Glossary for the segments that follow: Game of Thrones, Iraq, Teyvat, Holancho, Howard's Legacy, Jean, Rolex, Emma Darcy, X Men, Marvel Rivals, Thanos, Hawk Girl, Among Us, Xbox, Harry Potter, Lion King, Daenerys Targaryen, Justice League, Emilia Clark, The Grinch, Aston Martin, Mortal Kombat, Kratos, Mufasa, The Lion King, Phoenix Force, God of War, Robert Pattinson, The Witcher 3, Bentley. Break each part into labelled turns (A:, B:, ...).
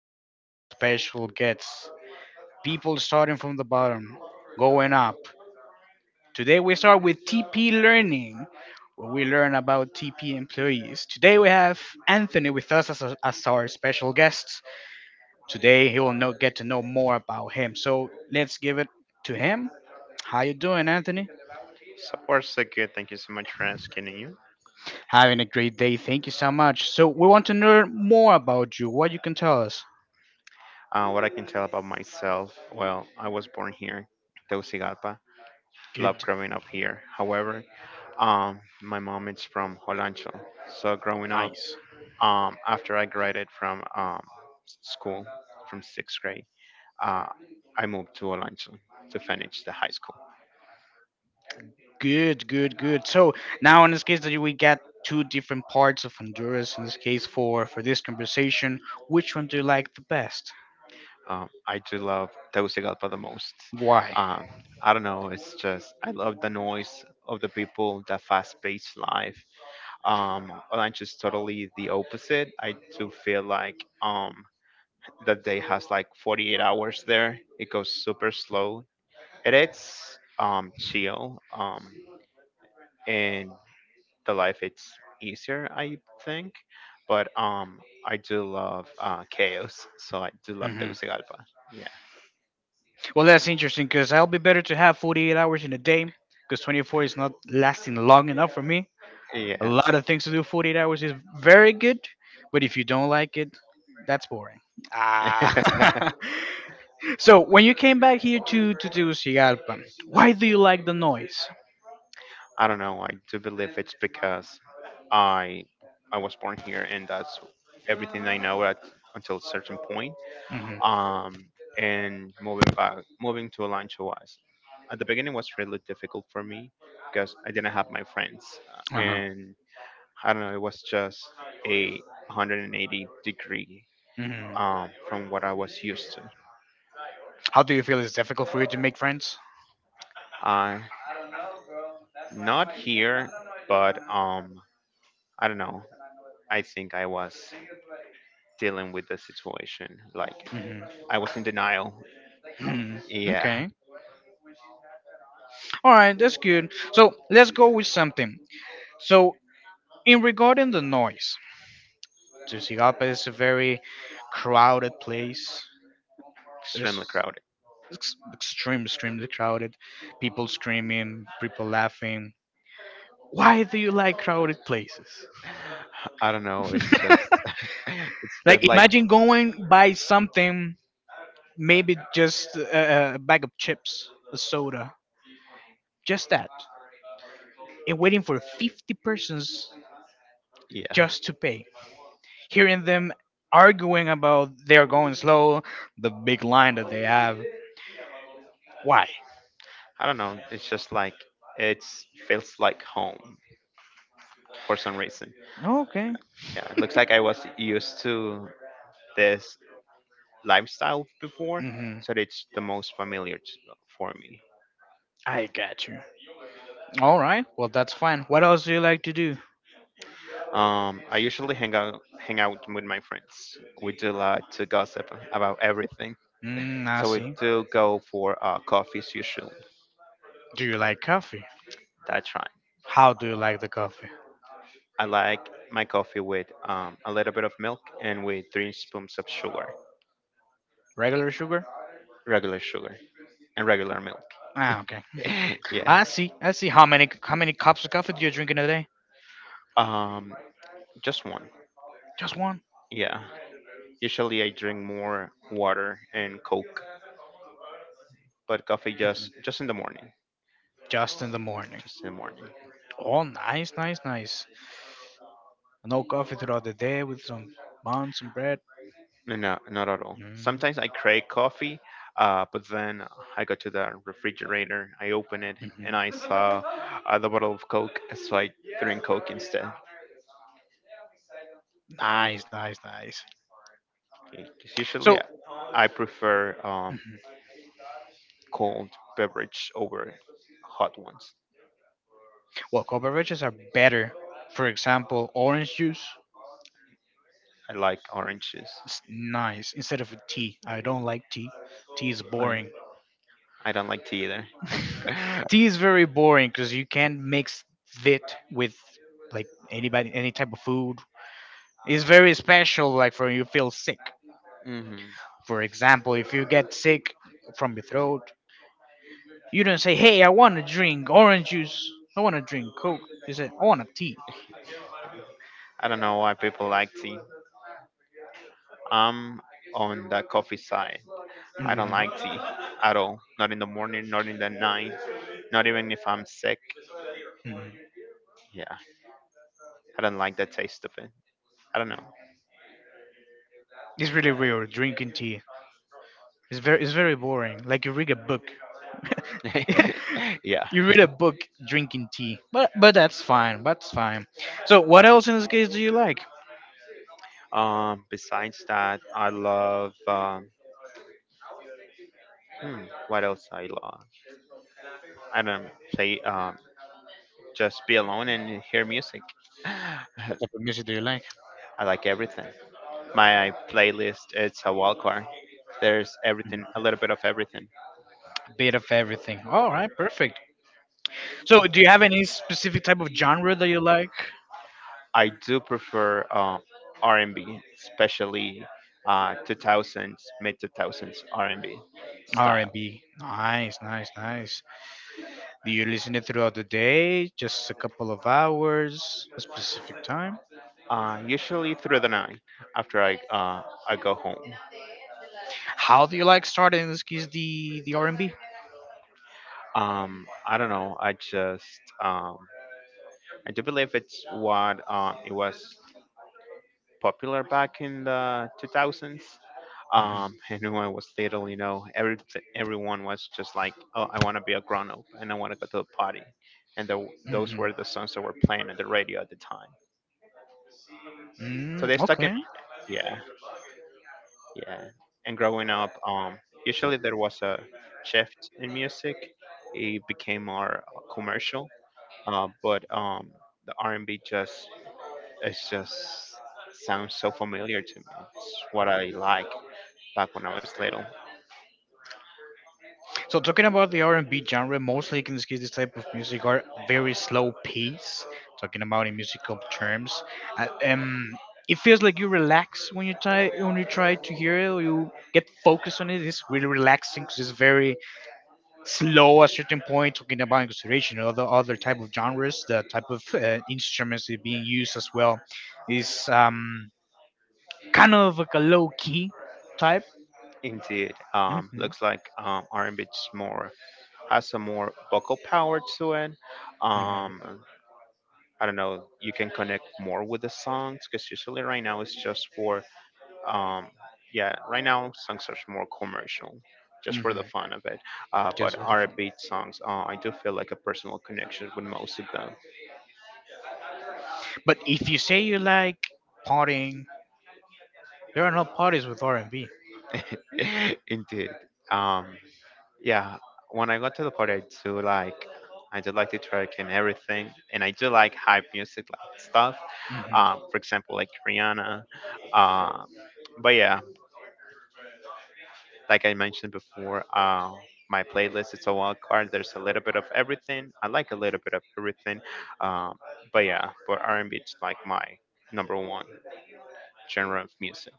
A: Tonight's special gets people starting from the bottom, going up. Today we start with TP learning, where we learn about TP employees. Today we have Anthony with us as our special guest. Today he will get to know more about him. So let's give it to him. How you doing, Anthony?
B: So far so good. Thank you so much for asking you.
A: Having a great day. Thank you so much. So we want to learn more about you. What you can tell us?
B: What I can tell about myself, well, I was born here, Tegucigalpa. Love
A: Good.
B: growing up here. However, my mom is from Holancho. So growing up,
A: Nice.
B: after I graduated from school, from sixth grade, uh, I moved to Holancho to finish the high school.
A: Good, good, good. So now in this case that we got two different parts of Honduras in this case for this conversation. Which one do you like the best?
B: I do love Tegucigalpa the most.
A: Why?
B: Um, I don't know. It's just I love the noise of the people, the fast-paced life. Lunch is totally the opposite. I do feel like that day has like 48 hours there. It goes super slow and it's chill, and the life it's easier I think, but I do love chaos, so I do love
A: hmm
B: Tegucigalpa. Yeah.
A: Well, that's interesting because I'll be better to have 48 hours in a day because 24 is not lasting long enough for me. A
B: Yeah.
A: lot of things to do, 48 hours is very good, but if you don't like it, that's boring. Ah. So when you came back here to Tegucigalpa, why do you like the noise?
B: I don't know. I do believe it's because I I was born here, and that's everything I know at until a certain point.
A: hmm
B: Um, and moving back, moving to Alancho was at the beginning was really difficult for me because I didn't have my friends,
A: Uh-huh.
B: and I don't know. It was just a 180 degree
A: hmm
B: from what I was used to.
A: How do you feel? It's difficult for you to make friends?
B: Uh, not here, but I don't know. I think I was dealing with the situation. Like
A: hmm
B: I was in denial. Yeah,
A: Okay. All right, that's good. So let's go with something. So in regarding the noise, Tegucigalpa is a very crowded place.
B: extremely
A: There's
B: crowded.
A: extreme, extremely crowded. People screaming, people laughing. Why do you like crowded places?
B: I don't know. It's just, it's
A: Like
B: been like,
A: imagine going by something, maybe just a bag of chips, a soda, just that, and waiting for 50 persons
B: yeah,
A: just to pay. Hearing them arguing about they're going slow, the big line that they have. Why?
B: I don't know. It's just like it feels like home for some reason.
A: Okay.
B: Yeah, it looks like I was used to this lifestyle before,
A: hmm
B: so it's the most familiar for me.
A: I got you. All right. Well, that's fine. What else do you like to do?
B: I usually hang out with my friends. We do a lot to gossip about everything.
A: Mm, I
B: So we
A: see.
B: do go for coffees usually.
A: Do you like coffee?
B: That's right.
A: How do you like the coffee?
B: I like my coffee with a little bit of milk and with three spoons of sugar,
A: Regular sugar?
B: regular sugar and regular milk.
A: Ah, okay.
B: yeah.
A: I see. I see. How many cups of coffee do you drink in a day?
B: Um, just one.
A: Just one.
B: Yeah. Usually I drink more water and Coke, but coffee just in the morning.
A: Just in the morning.
B: Just in the morning.
A: Oh, nice, nice, nice. No coffee throughout the day with some buns, some bread.
B: No, no, not at all.
A: Mm,
B: Sometimes I crave coffee, but then I go to the refrigerator, I open it, and
A: mhm.
B: I saw the bottle of Coke, so I drink Coke instead. 'Cause
A: Nice, nice, nice.
B: usually
A: So,
B: I I prefer
A: mhm,
B: cold beverage over hot ones.
A: well, cold beverages are better. For example, orange juice
B: I like orange juice.
A: is nice instead of tea. I don't like tea. Tea is
B: I,
A: boring.
B: I don't like tea either.
A: Tea is very boring because you can't mix it with like anybody, any type of food. It's very special, like for when you feel sick.
B: hmm.
A: For example, if you get sick from your throat, you don't say, "Hey, I want to drink orange juice. I want to drink Coke." You say, "I want a tea."
B: I don't know why people like tea. I'm on the coffee side. I don't
A: Mhm.
B: like tea at all. Not in the morning, not in the night, not even if I'm sick.
A: Mhm.
B: Yeah, I don't like the taste of it. I don't know.
A: It's really weird drinking tea. It's very boring. Like you read a book.
B: yeah.
A: You read a book drinking tea. But that's fine. That's fine. So what else in this case do you like?
B: Besides that, I love. Hmm, what else I love? I don't play. Just be alone and hear music. I
A: What type of music do you like?
B: like everything. My playlist it's a wild card. There's everything,
A: Mm-hmm.
B: a little bit of everything.
A: Bit of everything. All right, perfect. So, do you have any specific type of genre that you like?
B: I do prefer R&B, especially 2000s, mid 2000s R&B style.
A: R&B. Nice, nice, nice. Do you listen it throughout the day? Just a couple of hours, a specific time?
B: Usually through the night after I go home.
A: How do you like starting in this case the R&B?
B: I don't know. I just I do believe it's what it was popular back in the 2000s.
A: hmm
B: And when I was little, you know, everyone was just like, "Oh, I want to be a grown up and I want to go to a party," and those
A: hmm
B: were the songs that were playing on the radio at the time. So they stuck in,
A: Okay.
B: yeah, yeah. And growing up, usually there was a shift in music; it became more commercial. But The R&B just sounds so familiar to me. It's what I like back when I was little.
A: So talking about the R and B genre, mostly in this case, this type of music are very slow pace. Talking about in musical terms, uh, um, it feels like you relax when you try to hear it. Or you get focused on it. It's really relaxing because it's very slow at a certain point. Talking about in consideration other type of genres, the type of instruments that being used as well is kind of like a low key type.
B: Indeed,
A: hmm
B: looks like RMB's more has a more vocal power to it. Um,
A: hmm
B: I don't know, you can connect more with the songs because usually right now it's just for um, yeah, right now songs are more commercial, just
A: hmm
B: for the fun of it. But
A: Just with the phone.
B: R&B songs, I do feel like a personal connection with most of them.
A: But if you say you like partying, there are no parties with R&B.
B: Indeed. Um, yeah, when I got to the party I do like to twerk and everything, and I do like hype music like stuff,
A: hmm
B: for example like Rihanna. uh, but yeah, like I mentioned before, my playlist it's a wild card. There's a little bit of everything. I like a little bit of everything. um, but yeah, but R&B is like my number one genre of music,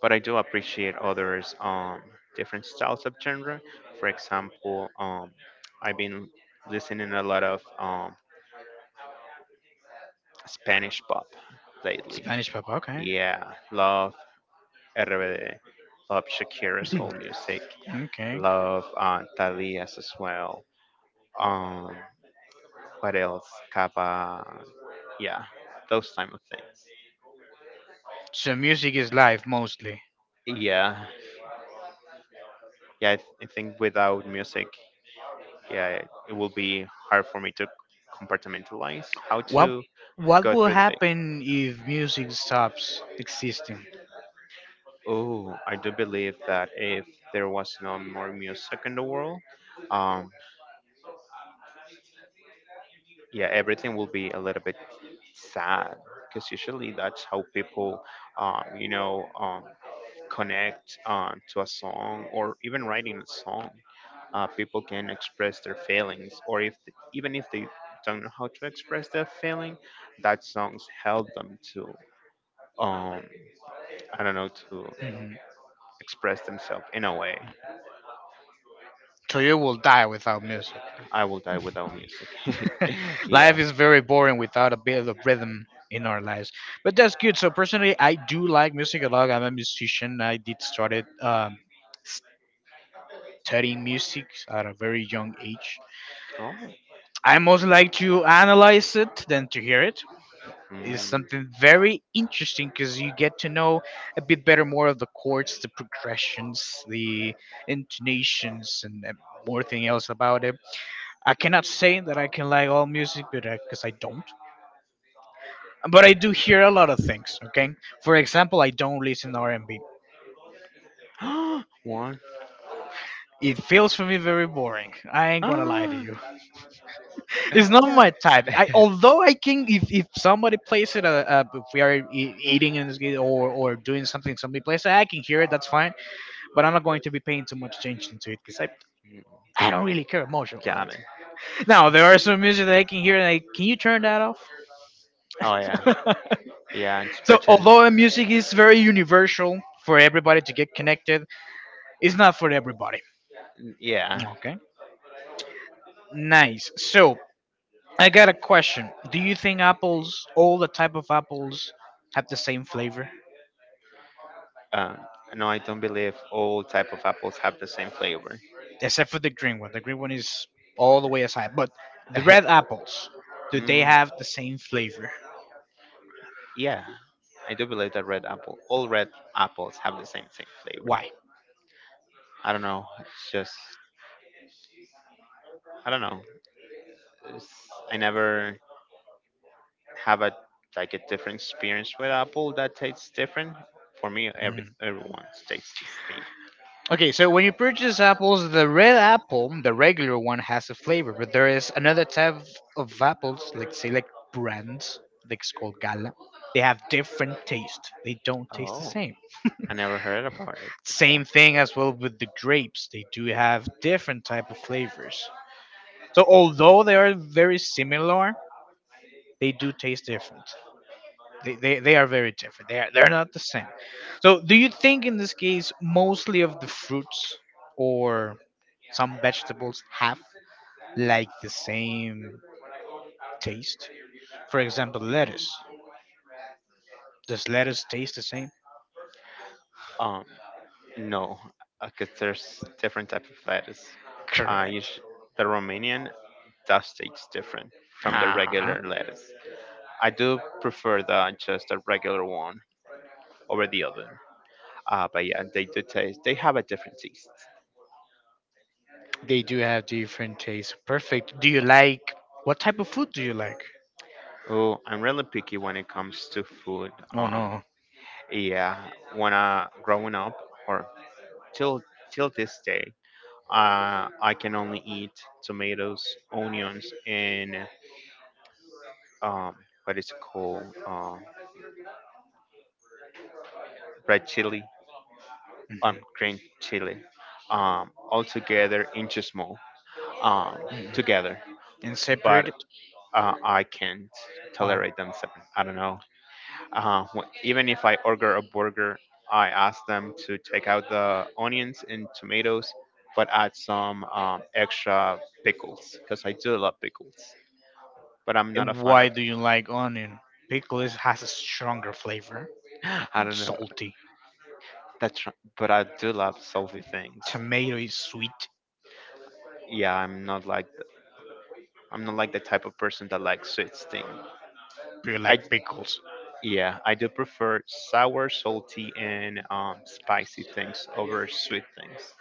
B: but I do appreciate others, different styles of genre. For example, I've been listening a lot of Spanish pop lately.
A: Spanish pop, okay.
B: Yeah, love RBD, love Shakira's old music,
A: Okay.
B: love Thalia's as well. Um, what else? Kappa. Yeah, those type of things.
A: So music is life mostly.
B: Yeah, yeah. I think without music, yeah, it will be hard for me to compartmentalize how
A: What
B: to
A: what
B: go
A: will
B: through the day.
A: happen if music stops existing?
B: Oh, I do believe that if there was no more music in the world, um, yeah, everything will be a little bit sad because usually that's how people, um, you know, um, connect to a song or even writing a song. People can express their feelings, or if even if they don't know how to express their feeling, that songs help them to um I don't know to
A: hmm
B: express themselves in a way.
A: So you will die without music.
B: I will die without music.
A: Life
B: yeah.
A: is very boring without a bit of rhythm in our lives. But that's good. So personally, I do like music a lot. I'm a musician. I did started studying music at a very young age.
B: Oh.
A: I most like to analyze it than to hear it. It's
B: Mm.
A: something very interesting because you get to know a bit better more of the chords, the progressions, the intonations, and more thing else about it. I cannot say that I can like all music, but because I don't. But I do hear a lot of things. Okay, for example, I don't listen R and B.
B: One.
A: It feels for me very boring. I ain't gonna lie to
B: Ah.
A: you. It's not my type.
B: Yeah.
A: I although I can if somebody plays it if we are eating and or doing something somebody plays it I can hear it, that's fine, but I'm not going to be paying too much attention to it because I don't really care much about
B: Got
A: it.
B: it.
A: Now there are some music that I can hear and can you turn that off?
B: Oh yeah. Yeah.
A: So
B: Especially.
A: although music is very universal for everybody to get connected, it's not for everybody.
B: Yeah.
A: Okay. Nice. So I got a question. Do you think apples, all the type of apples, have the same flavor?
B: Uh, no, I don't believe all type of apples have the same flavor.
A: Except for the green one. The green one is all the way aside. But the red apples, do they
B: mm,
A: have the same flavor?
B: yeah. I do believe that red apple, all red apples have the same flavor.
A: Why?
B: I don't know. It's just I don't know. It's, I never have a like a different experience with Apple that tastes different. For me, every
A: Mhm.
B: everyone tastes the same.
A: Okay, so when you purchase apples, the red apple, the regular one, has a flavor, but there is another type of apples, like say like brands, like it's called Gala. They have different taste. They don't taste the
B: Oh,
A: same.
B: I never heard about it
A: Same
B: before.
A: thing as well with the grapes. They do have different type of flavors. So although they are very similar, they do taste different. They are very different. They are they're not the same. So do you think in this case mostly of the fruits or some vegetables have like the same taste? For example, lettuce. Does lettuce taste the same?
B: Um, no, because there's different type of lettuce. You
A: Correct.
B: The Romanian does taste different from the
A: Uh-huh.
B: regular lettuce. I do prefer the just the regular one over the other. But yeah, they do taste. They have a different taste.
A: They do have different tastes. Perfect. Do you like what type of food do you like?
B: Oh, I'm really picky when it comes to food.
A: Oh
B: Um,
A: no.
B: Yeah, when I growing up or till till this day, I can only eat tomatoes, onions, and um, what is it called? Red chili,
A: Mhm,
B: green chili, all together into small, um,
A: mhm,
B: together.
A: and
B: But
A: separate it.
B: I can't
A: Why?
B: tolerate them separate. I don't know. Even if I order a burger, I ask them to take out the onions and tomatoes, but add some extra pickles because I do love pickles. But I'm not a
A: And
B: fan of.
A: why do you like onion? Pickles has a stronger flavor
B: I
A: and
B: don't know.
A: salty.
B: That's. But I do love salty things.
A: Tomato is sweet,
B: Yeah, I'm not like the type of person that likes sweet things.
A: but you
B: I
A: like
B: d-
A: pickles.
B: yeah, I do prefer sour, salty, and spicy things over sweet things.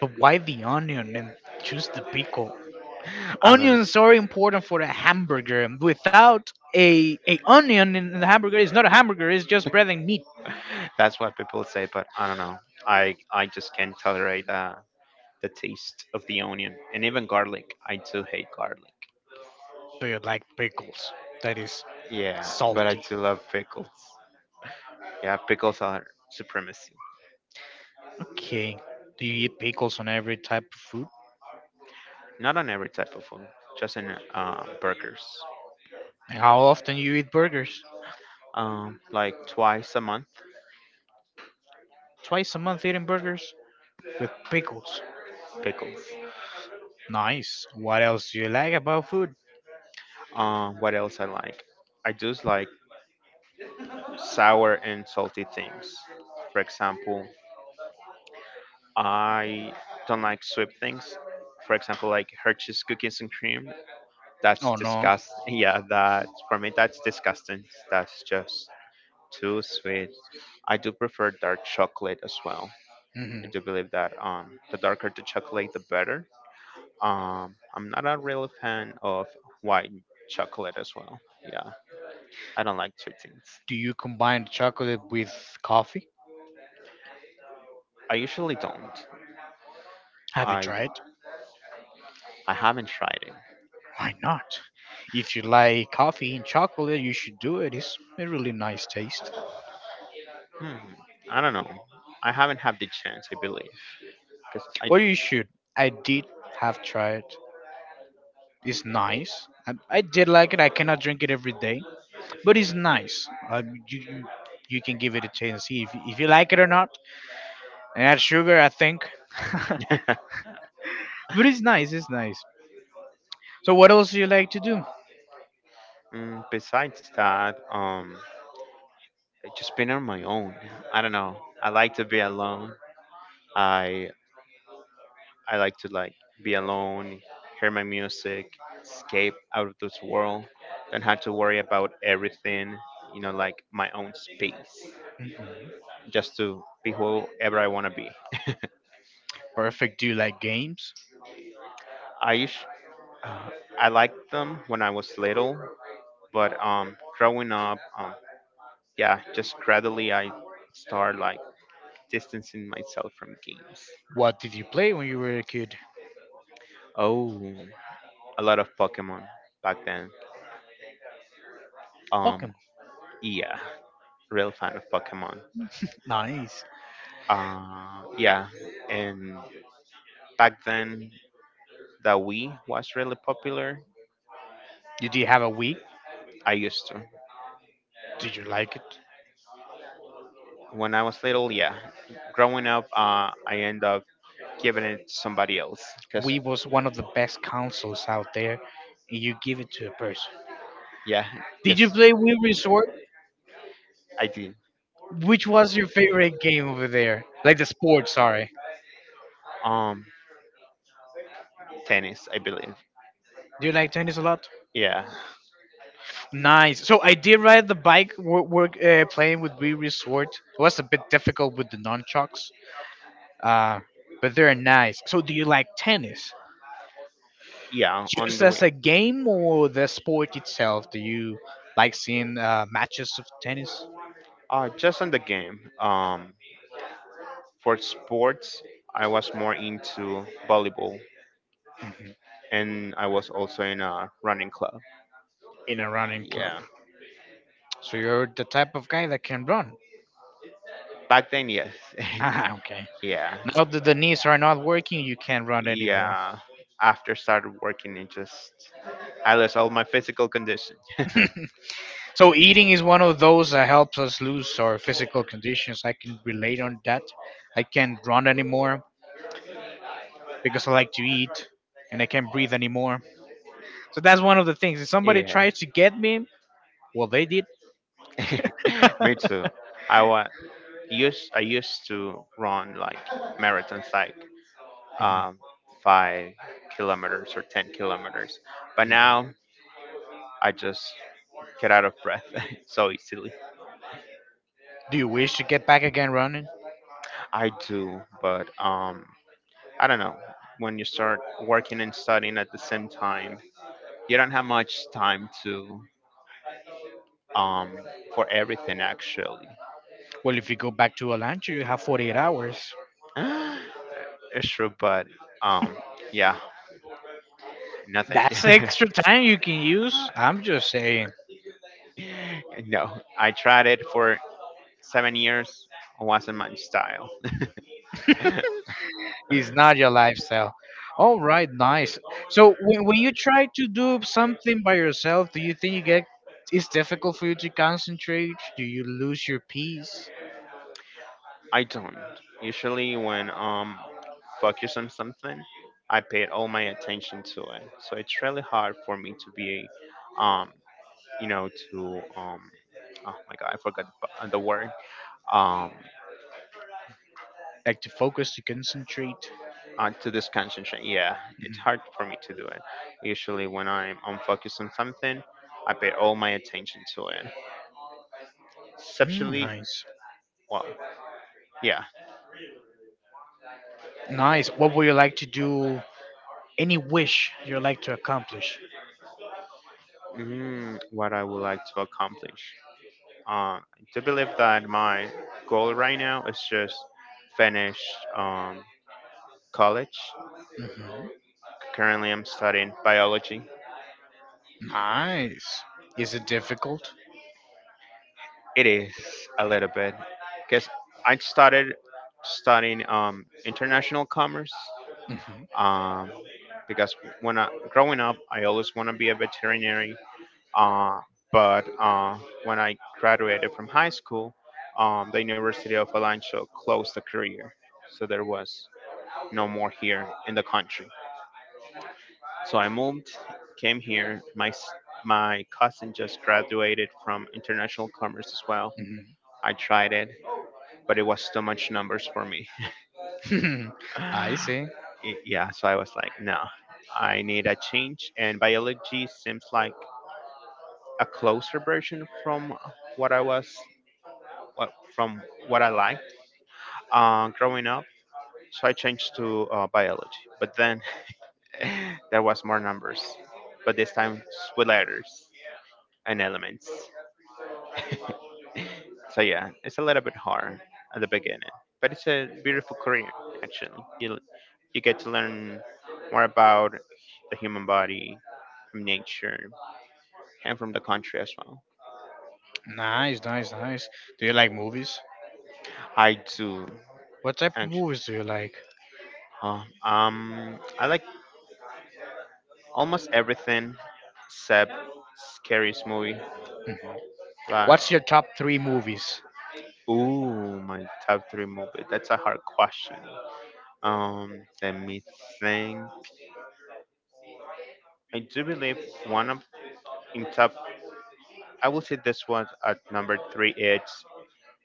A: But why the onion and choose the pickle?
B: I don't know.
A: Onions are important for a hamburger. And without a onion in the hamburger, it's not a hamburger. It's just bread and meat.
B: That's what people say, but I don't know. I just can't tolerate the taste of the onion and even garlic. I do hate garlic.
A: But you like pickles. That is
B: Yeah, but I
A: salty.
B: do love pickles. Yeah, pickles are supremacy.
A: Okay. Do you eat pickles on every type of food?
B: Not on every type of food, just in burgers.
A: And how often you eat burgers?
B: Like twice a month,
A: Twice a month eating burgers with pickles.
B: pickles.
A: Nice. What else do you like about food?
B: What else I like? I do like sour and salty things. For example, I don't like sweet things. For example, like Hershey's cookies and cream. That's
A: Oh no.
B: disgust. Yeah, that for me. That's disgusting. That's just too sweet. I do prefer dark chocolate as well.
A: hmm
B: I do believe that the darker the chocolate, the better. I'm not a real fan of white chocolate as well. Yeah, I don't like sweet things.
A: Do you combine chocolate with coffee?
B: I usually don't.
A: Have you
B: I
A: tried?
B: I haven't tried it.
A: Why not? If you like coffee and chocolate, you should do it. It's a really nice taste.
B: Hmm, I don't know. I haven't had the chance. I believe because
A: Or you should. I did have tried. It's nice. I did like it. I cannot drink it every day, but it's nice. You can give it a chance. See if you like it or not. And add sugar, I think.
B: I.
A: But it's nice, it's nice. So what else do you like to do?
B: Mm, besides that, I've just been on my own. I don't know. I like to be alone. I I like to be alone, hear my music, escape out of this world. Don't have to worry about everything. You know, like my own space, just to be whoever I want to be.
A: Perfect. Do you like games?
B: I used, uh, I liked them when I was little, but growing up, yeah, just gradually I start like distancing myself from games.
A: What did you play when you were a kid?
B: Oh. A lot of Pokemon back then. Um,
A: Pokemon.
B: yeah, real fan of Pokemon.
A: Nice.
B: Yeah, and back then the Wii was really popular.
A: You did you have a Wii?
B: I used to
A: Did you like it?
B: when I was little. Yeah, growing up, I end up giving it to somebody else because
A: Wii was one of the best consoles out there, and you give it to a person.
B: yeah,
A: Did you
B: because
A: play Wii Resort?
B: I did.
A: Which was your favorite game over there? Like the sport, sorry.
B: Um, tennis, I believe.
A: Do you like tennis a lot?
B: Yeah,
A: Nice. So I did ride the bike work playing with Wii Resort. It was a bit difficult with the nunchucks, uh, but they're nice. So, do you like tennis?
B: yeah, on
A: Just
B: the
A: as
B: Wii.
A: a game or the sport itself? Do you like seeing matches of tennis?
B: Just on the game. For sports, I was more into volleyball
A: Mhm.
B: and I was also in a running club.
A: In a running club?
B: Yeah,
A: So, you're the type of guy that can run.
B: back then, yes.
A: Ah, okay.
B: yeah,
A: Now that the knees are not working, you can't run anymore.
B: yeah. After started working, it just I lost all my physical condition.
A: So, eating is one of those that helps us lose our physical conditions. I can relate on that. I can't run anymore because I like to eat and I can't breathe anymore. So that's one of the things. If somebody
B: Yeah,
A: tries to get me, well, they did.
B: me too. I wa- used I used to run like marathons, like um, 5 km or 10 km, but now I just get out of breath so easily.
A: Do you wish to get back again running?
B: I do, but I don't know, when you start working and studying at the same time, you don't have much time to um for everything actually.
A: Well, if you go back to Alancho, you have 48 hours.
B: It's true, but um yeah, no thank you.
A: That's extra time you can use. I'm just saying.
B: No, I tried it for 7 years. It wasn't my style.
A: It's not your lifestyle. All right, nice. So when you try to do something by yourself, do you think you get it's difficult for you to concentrate? Do you lose your peace?
B: I don't. Usually when focus on something, I paid all my attention to it. So it's really hard for me to be um you know, to oh my god, I forgot the word. Um,
A: Like to focus, to concentrate?
B: to this concentration, yeah, it's
A: Mm-hmm.
B: hard for me to do it. Usually, when I'm unfocused on something, I pay all my attention to it.
A: Mm,
B: Exceptionally,
A: nice.
B: well, yeah.
A: Nice. What would you like to do? Any wish you like to accomplish?
B: Mm, what I would like to accomplish. I do believe that my goal right now is just finish um, college.
A: hmm
B: Currently, I'm studying biology.
A: Nice. Is it difficult?
B: It is a little bit because I started studying international commerce.
A: hmm
B: um, because when I growing up, I always want to be a veterinary. Uh, but when I graduated from high school, the University of Alancho closed the career, so there was no more here in the country. So I moved, came here. My cousin just graduated from international commerce as well. I tried it, but it was too much numbers for me.
A: hmm I see.
B: Yeah, so I was like, no, I need a change. And biology seems like a closer version from what I was, what, from what I liked growing up. So I changed to biology, but then there was more numbers, but this time with letters and elements. So yeah, it's a little bit hard at the beginning, but it's a beautiful career actually. You get to learn more about the human body from nature and from the country as well.
A: Nice, nice, nice. Do you like movies?
B: I do
A: What type of
B: actually.
A: movies do you like?
B: Oh, I like almost everything except scariest movie.
A: hmm
B: Like,
A: What's your top three movies?
B: ooh, my top three movie. That's a hard question. Let me think. I do believe one of in top I will say this one at number three. It's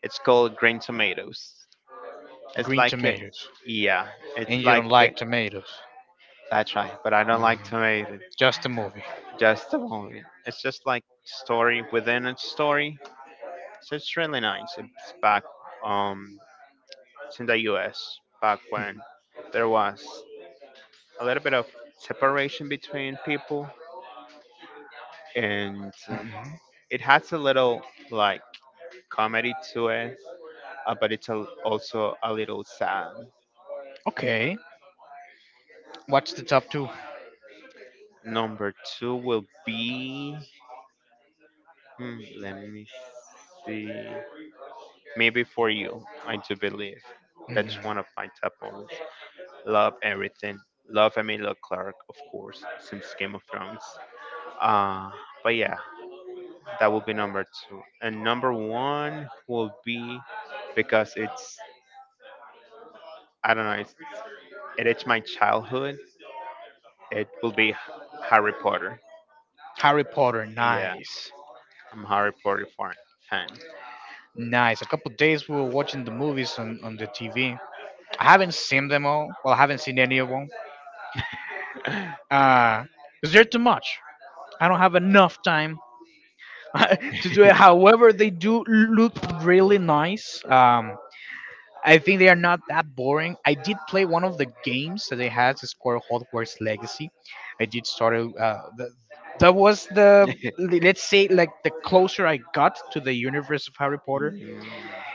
B: it's called Green Tomatoes. It's
A: Green
B: like a,
A: Tomatoes.
B: yeah,
A: And
B: it's
A: you
B: like
A: don't
B: a,
A: like tomatoes.
B: that's right. But I don't
A: Mhm.
B: like tomatoes.
A: Just a movie.
B: Just a movie. It's just like story within a story. So it's really nice. Um it's in the U.S. back when
A: hmm
B: there was a little bit of separation between people, and
A: hmm
B: it has a little like comedy to it, but it's a, also a little sad.
A: Okay. What's the top 2?
B: Number two will be, hmm, let me see, maybe for you. I do believe that's
A: Hmm
B: one of my top moments. Love everything. Love Emilia Clark, of course, since Game of Thrones. Uh, but yeah, that will be number two. And number one will be because it's I don't know, it is my childhood. It will be Harry Potter.
A: Harry Potter.
B: Yeah,
A: Nice.
B: I'm a Harry Potter
A: Nice. A couple days we were watching the movies on the TV. I haven't seen them all. Well, I haven't seen any of them. Uh, is there too much? I don't have enough time to do it.
B: fan.
A: However, they do look really nice. I think they are not that boring. I did play one of the games that they had, it's score Hogwarts Legacy. I did start. That was the let's say like the closer I got to the universe of Harry Potter.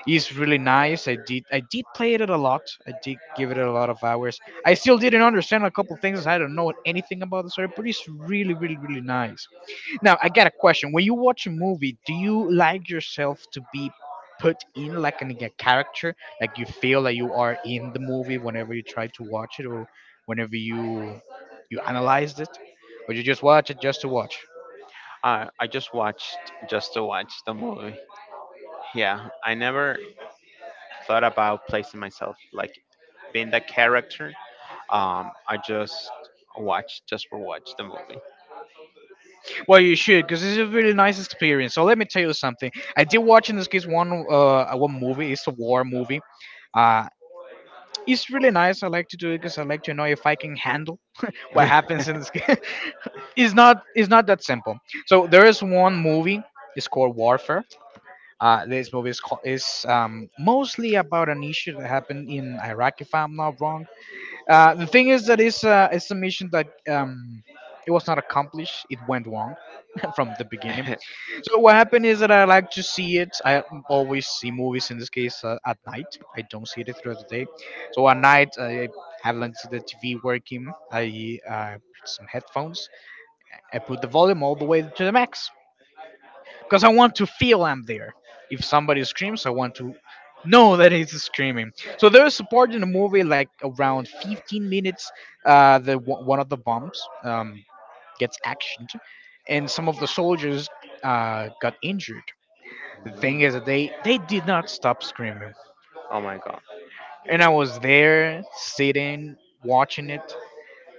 A: It's really nice. I did play it a lot. I did give it a lot of hours. I still didn't understand a couple things. I don't know anything about the story, but it's really nice. Now I got a question. When you watch a movie, do you like yourself to be put in like a character? Like you feel that you are in the movie whenever you try to watch it or whenever you analyzed it? Or you just watch it just to watch?
B: I just watched just to watch the movie. Yeah, I never thought about placing myself like being the character. I just watched just for watch the movie.
A: Well, you should, because it's a really nice experience. So let me tell you something. I did watch in this case one movie. It's a war movie. Uh, it's really nice. I like to do it because I like to know if I can handle what happens in this game. It's not that simple. So there is one movie. It's called Warfare. This movie is called, is mostly about an issue that happened in Iraq, if I'm not wrong. The thing is that it's a mission that it was not accomplished. It went wrong from the beginning. So what happened is that I like to see it. I always see movies in this case at night. I don't see it throughout the day. So at night I have like the TV working. I put some headphones. I put the volume all the way to the max because I want to feel I'm there. If somebody screams, I want to know that it's screaming. So there is support in the movie like around 15 minutes. The One of the bombs gets actioned, and some of the soldiers got injured. The thing
B: Mm.
A: is that they did not stop screaming,
B: Oh my god.
A: and I was there sitting watching it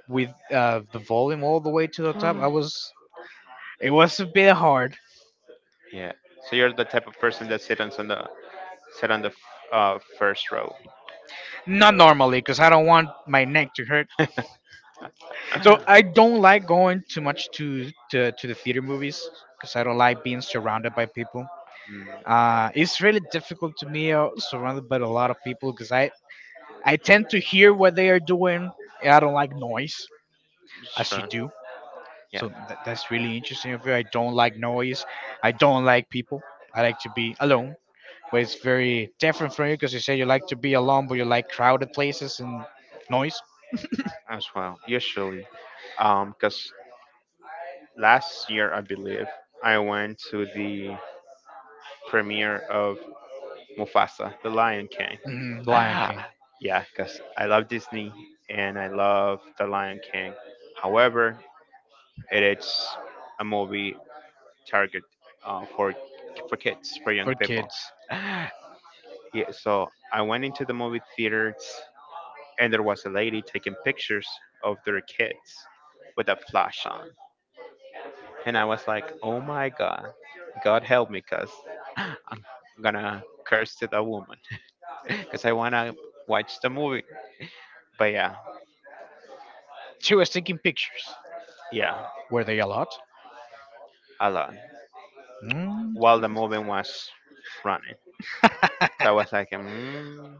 A: with the volume all the way to the top. I was it was a bit hard,
B: Yeah. So you're the type of person that sit on the first row.
A: not normally, because I don't want my neck to hurt.
B: Mm,
A: So I don't like going too much to the theater movies because I don't like being surrounded by people. It's really difficult to me surrounded by a lot of people because I tend to hear what they are doing, and I don't like noise, as you
B: sure.
A: do.
B: Yeah,
A: So that's really interesting of you. I don't like noise. I don't like people. I like to be alone. But it's very different from you because you say you like to be alone, but you like crowded places and noise.
B: as well. Usually, because last year I believe I went to the premiere of Mufasa, The Lion King.
A: Mm, Lion
B: Ah,
A: King
B: yeah, because I love Disney and I love The Lion King. However, it is a movie target uh, for for kids, for young
A: for
B: people.
A: kids.
B: Yeah, so I went into the movie theaters and there was a lady taking pictures of their kids with a flash on, and I was like, "Oh my God, God help me, cause I'm gonna curse to the woman," because I wanna watch the movie. But yeah,
A: She was taking pictures.
B: yeah,
A: Were they a lot?
B: a lot.
A: Mm.
B: While the movie was running, so I was like,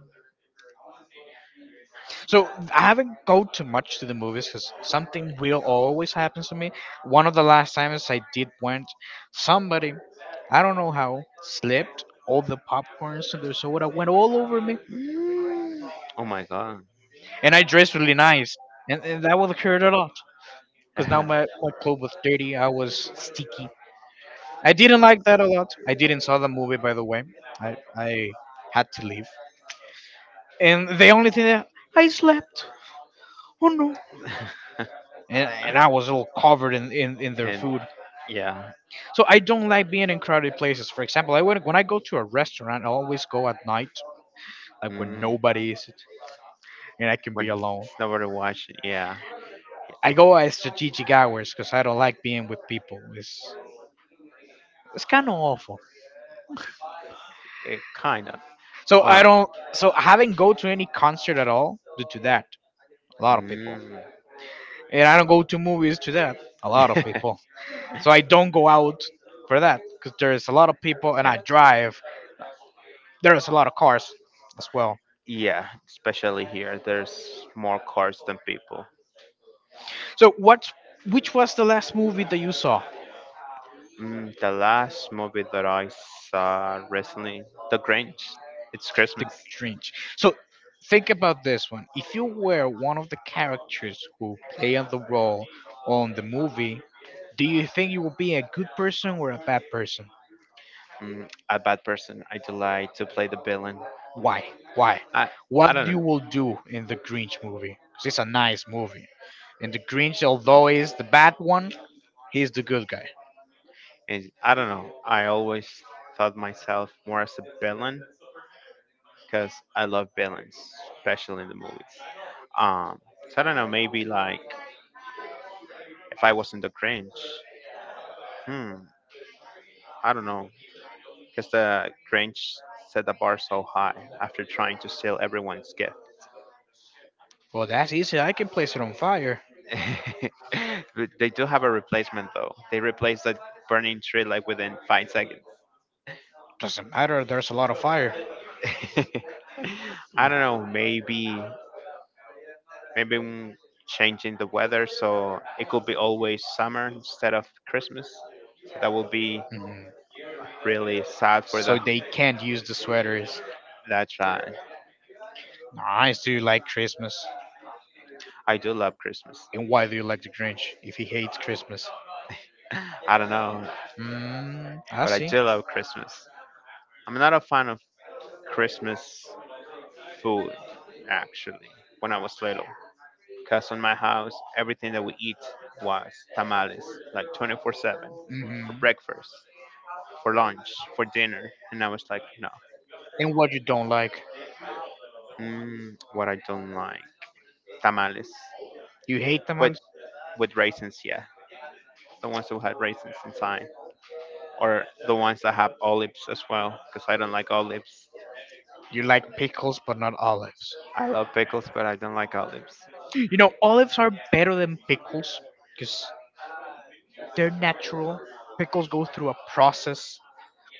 A: So I haven't go too much to the movies because something will always happen to me. One of the last times I did went, somebody, I don't know how, slipped all the popcorns and the soda went all over me,
B: mm, oh my god,
A: and I dressed really nice, and that would hurt a lot because now my my clothes was dirty. I was sticky. I didn't like that a lot. I didn't saw the movie by the way. I had to leave, and the only thing that I slept. Oh no. And I was all covered in their
B: and
A: food.
B: yeah,
A: So I don't like being in crowded places. For example, I would, when I go to a restaurant, I always go at night, like when
B: mm,
A: nobody is, and I can
B: but
A: be
B: it's
A: alone.
B: not worth watching. Yeah,
A: I go at strategic hours because I don't like being with people. It's kind of awful.
B: it kind of.
A: So I
B: Well,
A: don't. So I haven't go to any concert at all due to that. A lot of people,
B: mm,
A: and I don't go to movies to that. A lot of people. So I don't go out for that because there's a lot of people, and I
B: yeah,
A: drive. There's a lot of cars as well.
B: yeah, especially here, there's more cars than people.
A: So what? Which was the last movie that you saw?
B: Mm, the last movie that I saw recently, The Grinch. It's
A: The
B: Christmas.
A: Grinch. So think about this one. If you were one of the characters who play on the role on the movie, do you think you would be a good person or a bad person?
B: Mm, a bad person. I delight to play the villain.
A: Why? Why?
B: I I
A: What
B: don't know.
A: you will do in the Grinch movie? 'Cause it's a nice movie. In the Grinch, although he's the bad one, he's the good guy.
B: I don't know. I always thought myself more as a villain because I love villains, especially in the movies. Um, so I don't know. Maybe like if I wasn't the Grinch, hmm, I don't know, because the Grinch set the bar so high after trying to steal everyone's gift.
A: Well, that's easy. I can place it on fire.
B: But they do have a replacement though. They replaced that burning tree like within 5 seconds.
A: Doesn't matter. There's a lot of fire.
B: I don't know. Maybe, maybe mm, changing the weather so it could be always summer instead of Christmas. So that would be
A: Mhm.
B: really sad for
A: So
B: the
A: they can't use the sweaters.
B: that child.
A: Nice. Do you like Christmas?
B: I do love Christmas.
A: And why do you like the Grinch if he hates Christmas?
B: I don't know,
A: Mm, I
B: but I
A: see.
B: do love Christmas. I'm not a fan of Christmas food actually when I was little. Because on my house, everything that we eat was tamales, like 24/7, for
A: hmm
B: breakfast, for lunch, for dinner. And I was like, no.
A: And what you don't like?
B: Mm, what I don't like tamales.
A: You hate
B: With,
A: tamales?
B: with raisins, yeah. The ones that had raisins inside. Or the ones that have olives as well, because I don't like olives.
A: You like pickles but not olives.
B: I love pickles, but I don't like olives.
A: You know, olives are better than pickles because they're natural. Pickles go through a process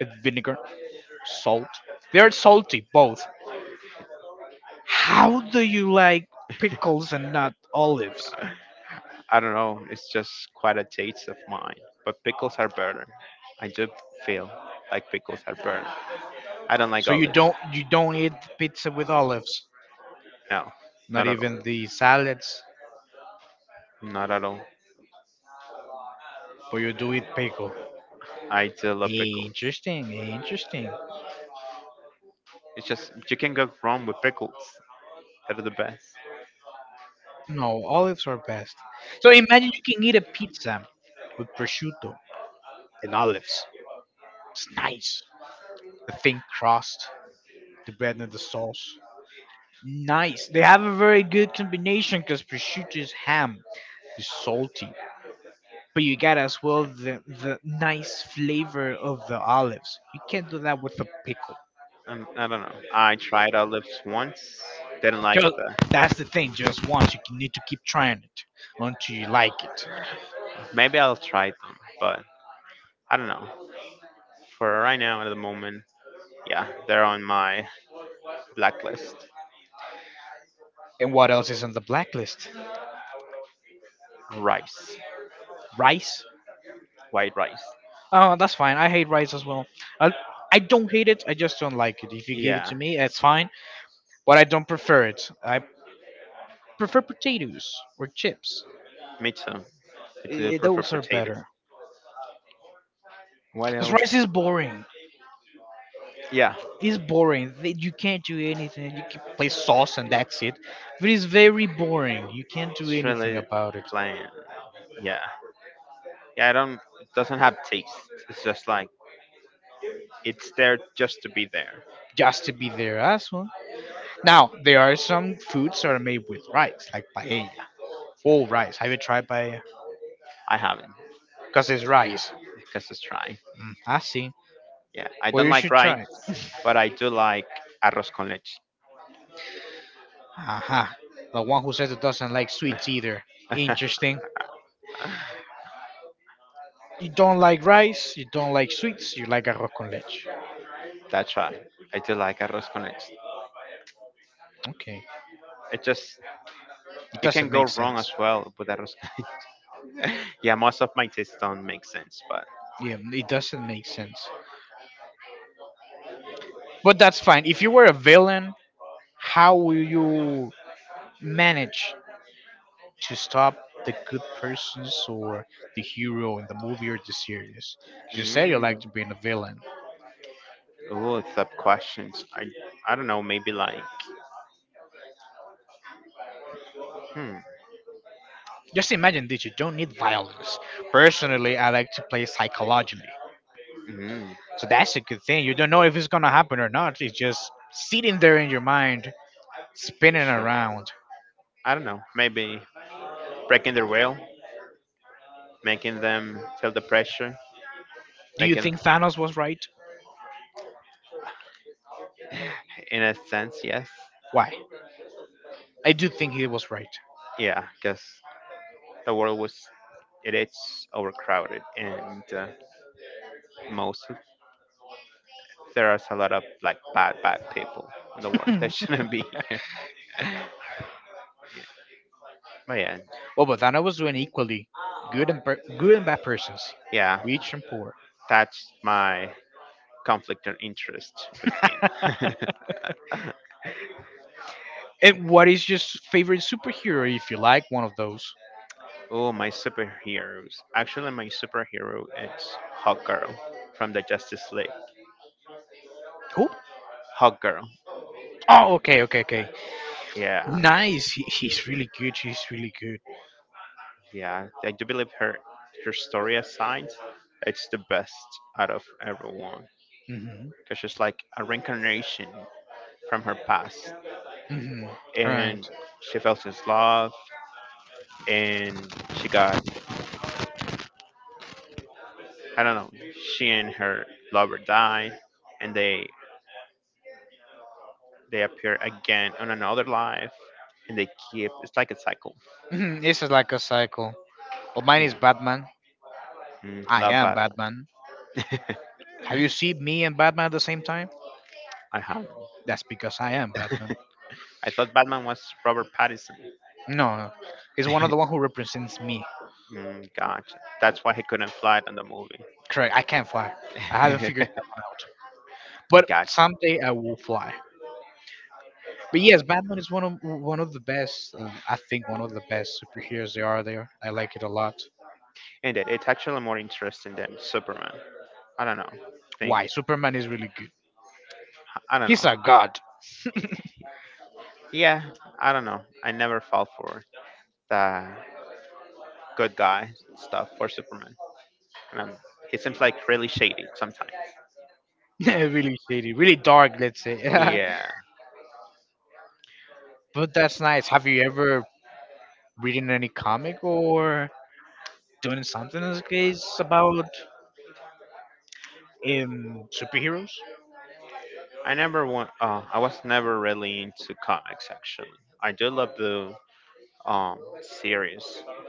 A: with vinegar, salt. They're salty, both. How do you like pickles and not olives?
B: I don't know. It's just quite a taste of mine. But pickles are better. I do feel like pickles are better. I don't like
A: So
B: olives.
A: you don't eat pizza with olives,
B: No, not
A: not
B: at all.
A: even the salads,
B: Not at all.
A: but you do eat pickle.
B: I do love pickles.
A: Interesting, interesting.
B: It's just you can go wrong with pickles. They're the best.
A: No, olives are best. So imagine you can eat a pizza with prosciutto and olives. It's nice. A thin crust. The bread and the sauce. Nice. They have a very good combination because prosciutto is ham, is salty, but you got as well the nice flavor of the olives. You can't do that with a pickle.
B: I don't know. I tried olives once. Didn't like
A: Just,
B: the.
A: that's the thing. Just once, you need to keep trying it until you like it.
B: Maybe I'll try them, but I don't know. For right now, at the moment, yeah, they're on my blacklist.
A: And what else is on the blacklist?
B: Rice,
A: Rice.
B: white rice.
A: Oh, that's fine. I hate rice as well. I, I don't hate it. I just don't like it. If you give it to
B: Yeah,
A: me, that's fine. But I don't prefer it. I prefer potatoes or chips.
B: me too. I do prefer
A: Those are
B: potatoes.
A: better.
B: What
A: Cause rice is
B: else?
A: boring.
B: Yeah,
A: It's boring. You can't do anything. You can play sauce and that's it. But it's very boring. You can't do
B: it's
A: anything
B: really
A: about it.
B: plain. Yeah. Yeah, I don't. It doesn't have taste. It's just like it's there just to be there.
A: Just to be there as well. Now there are some foods that are made with rice, like paella. Full rice. Have you tried paella?
B: I haven't
A: Cause it's rice.
B: because it's dry.
A: I see.
B: Yeah, I
A: Well,
B: don't
A: you
B: like
A: should
B: rice,
A: try it.
B: but I do like arroz con leche.
A: Aha. The one who says it doesn't like sweets either. Interesting. You don't like rice. You don't like sweets. You like arroz con leche.
B: That's right. I do like arroz con leche.
A: Okay.
B: It just
A: It
B: you can
A: doesn't
B: go
A: make
B: wrong
A: sense.
B: as well with arroz con leche. Yeah, most of my tastes don't make sense, but
A: Yeah, it doesn't make sense. But that's fine. If you were a villain, how will you manage to stop the good persons or the hero in the movie or the series? 'Cause you say you like
B: mm,
A: to be a villain.
B: oh, sub questions. I don't know. Maybe like hmm.
A: Just imagine that you don't need violence. Personally, I like to play psychologically.
B: Mm,
A: So that's a good thing. You don't know if it's going to happen or not. It's just sitting there in your mind, spinning
B: sure.
A: around.
B: I don't know. Maybe breaking the rail, making them feel the pressure,
A: Do you
B: making.
A: think Thanos was right?
B: In a sense, yes,
A: Why? I do think he was right.
B: yeah, because the world was it is overcrowded and most of- there is a lot of like bad people in the world that shouldn't be here. Yeah. But yeah,
A: Well, Bogdano was doing equally good and good and bad persons,
B: yeah,
A: rich and poor.
B: that's my conflict of interest with Tina.
A: And what is your favorite superhero if you like one of those?
B: Oh, my superheroes. Actually, my superhero is Hawk Girl from the Justice League.
A: Who?
B: Hawk Girl.
A: Oh, okay, okay, okay.
B: Yeah.
A: Nice. He's really good. He's really good.
B: Yeah, I do believe her story aside, it's the best out of everyone
A: Mhm.
B: because she's like a reincarnation from her past,
A: Mhm.
B: and
A: Correct.
B: she fell in love, and she got I don't know. She and her lover died, and they appear again on another life, and they keep it's like a cycle.
A: Mhm. This is like a cycle. Well, mine
B: Yeah,
A: is Batman. I
B: love
A: am
B: Batman.
A: Batman. Have you seen me and Batman at the same time?
B: I have.
A: That's because I am Batman.
B: I thought Batman was Robert Pattinson.
A: No, no. It's one of the one who represents me.
B: Mm, gotcha. That's why he couldn't fly in the movie.
A: Correct. I can't fly. I haven't figured that one out. But
B: Gotcha.
A: someday I will fly. But yes, Batman is one of the best. I think one of the best superheroes there are there. I like it a lot.
B: And it's actually more interesting than Superman. I don't know. Think
A: Why? Superman is really good.
B: I don't know.
A: He's a god.
B: Eh, Yeah, I don't know. I never fall for the good guy stuff for Superman. Um, he seems like really shady sometimes.
A: really shady, really dark. Let's say.
B: Yeah,
A: But that's nice. Have you ever reading any comic or doing something in this case about superheroes?
B: I never want. I was never really into comics actually. I do love the series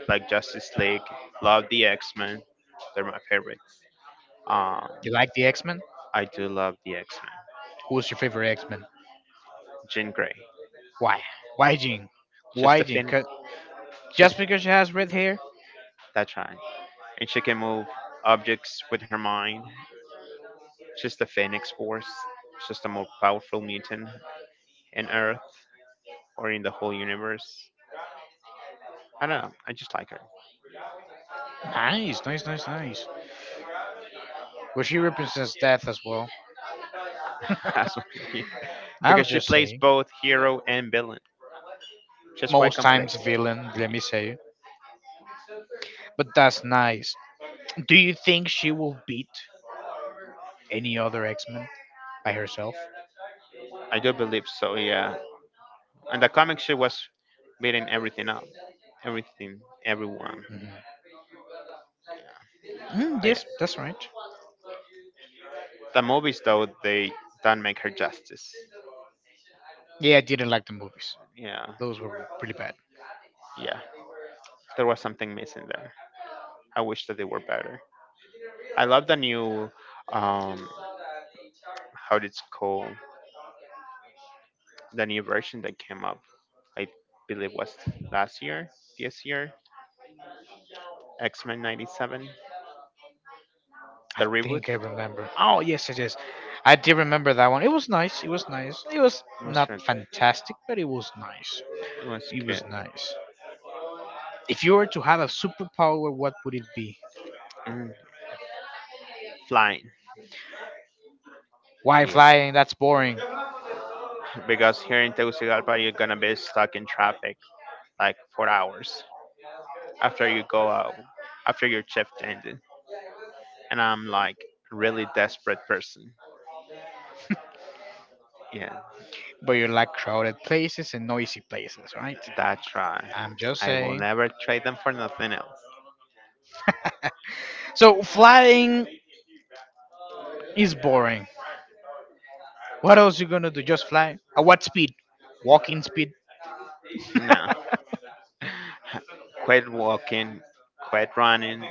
B: like Justice League. Love the X Men. They're my favorites. Um,
A: You like the X Men?
B: I do love the X Men.
A: Who's your favorite X Men?
B: Jean Grey.
A: Why? Why Jean?
B: She's the fin.
A: 'Cause-
B: Just
A: Just because she has red hair?
B: that's right. And she can move objects with her mind. Just the Phoenix Force. Just a more powerful mutant in Earth or in the whole universe. I don't know. I just like her.
A: Nice, nice, nice, nice. But he represents death as well.
B: That's what I mean.
A: I'm
B: Because she
A: just
B: plays
A: saying.
B: both hero and villain. She's quite
A: Most times
B: complex.
A: villain, let
B: Yes,
A: me say. But that's nice. Do you think she will beat any other X-Men by herself?
B: I do believe so, yeah. And the comic she was beating everything up. Everything, everyone.
A: Mhm.
B: Yeah.
A: Mm,
B: But yeah.
A: yes, that's right.
B: The movies though they don't make her justice.
A: Yeah, I didn't like the movies.
B: Yeah.
A: Those were pretty bad.
B: Yeah. There was something missing there. I wish that they were better. I love the new, um, how it's called, the new version that came up. I believe was last year, this year, X Men '97.
A: I
B: The reboot.
A: think I remember. Oh yes, yes, yes. I did remember that one. It was nice. It was nice. It was
B: It was
A: not
B: really cool.
A: fantastic, but it was nice.
B: It was
A: It
B: good.
A: was nice. If you were to have a superpower, what would it be?
B: Mm, flying,
A: Why
B: yeah.
A: flying? That's boring.
B: Because here in Tegucigalpa, you're gonna be stuck in traffic like for hours after you go out, after your shift ended. And I'm like really desperate person. Yeah.
A: But you like crowded places and noisy places, right?
B: That's right.
A: I'm just
B: I will
A: saying.
B: never trade them for nothing else.
A: So flying is boring. What else you gonna do? Just fly? At what speed? Walking speed?
B: No. Quit walking, quit running.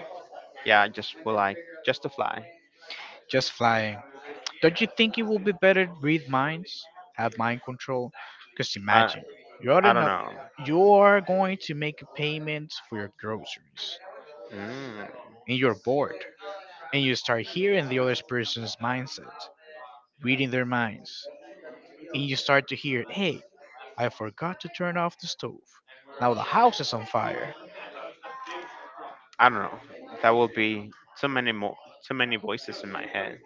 B: Yeah, just would like just to fly.
A: Just flying. Don't you think it would be better to read minds, have mind control? Because
B: I
A: imagine you
B: I
A: already
B: don't
A: know
B: know.
A: you are going to make a payment for your groceries,
B: Mm,
A: and you're bored, and you start hearing the other person's mindset, reading their minds, and you start to hear, hey, I forgot to turn off the stove. Now the house is on fire.
B: I don't know. That will be too many more too many voices in my head.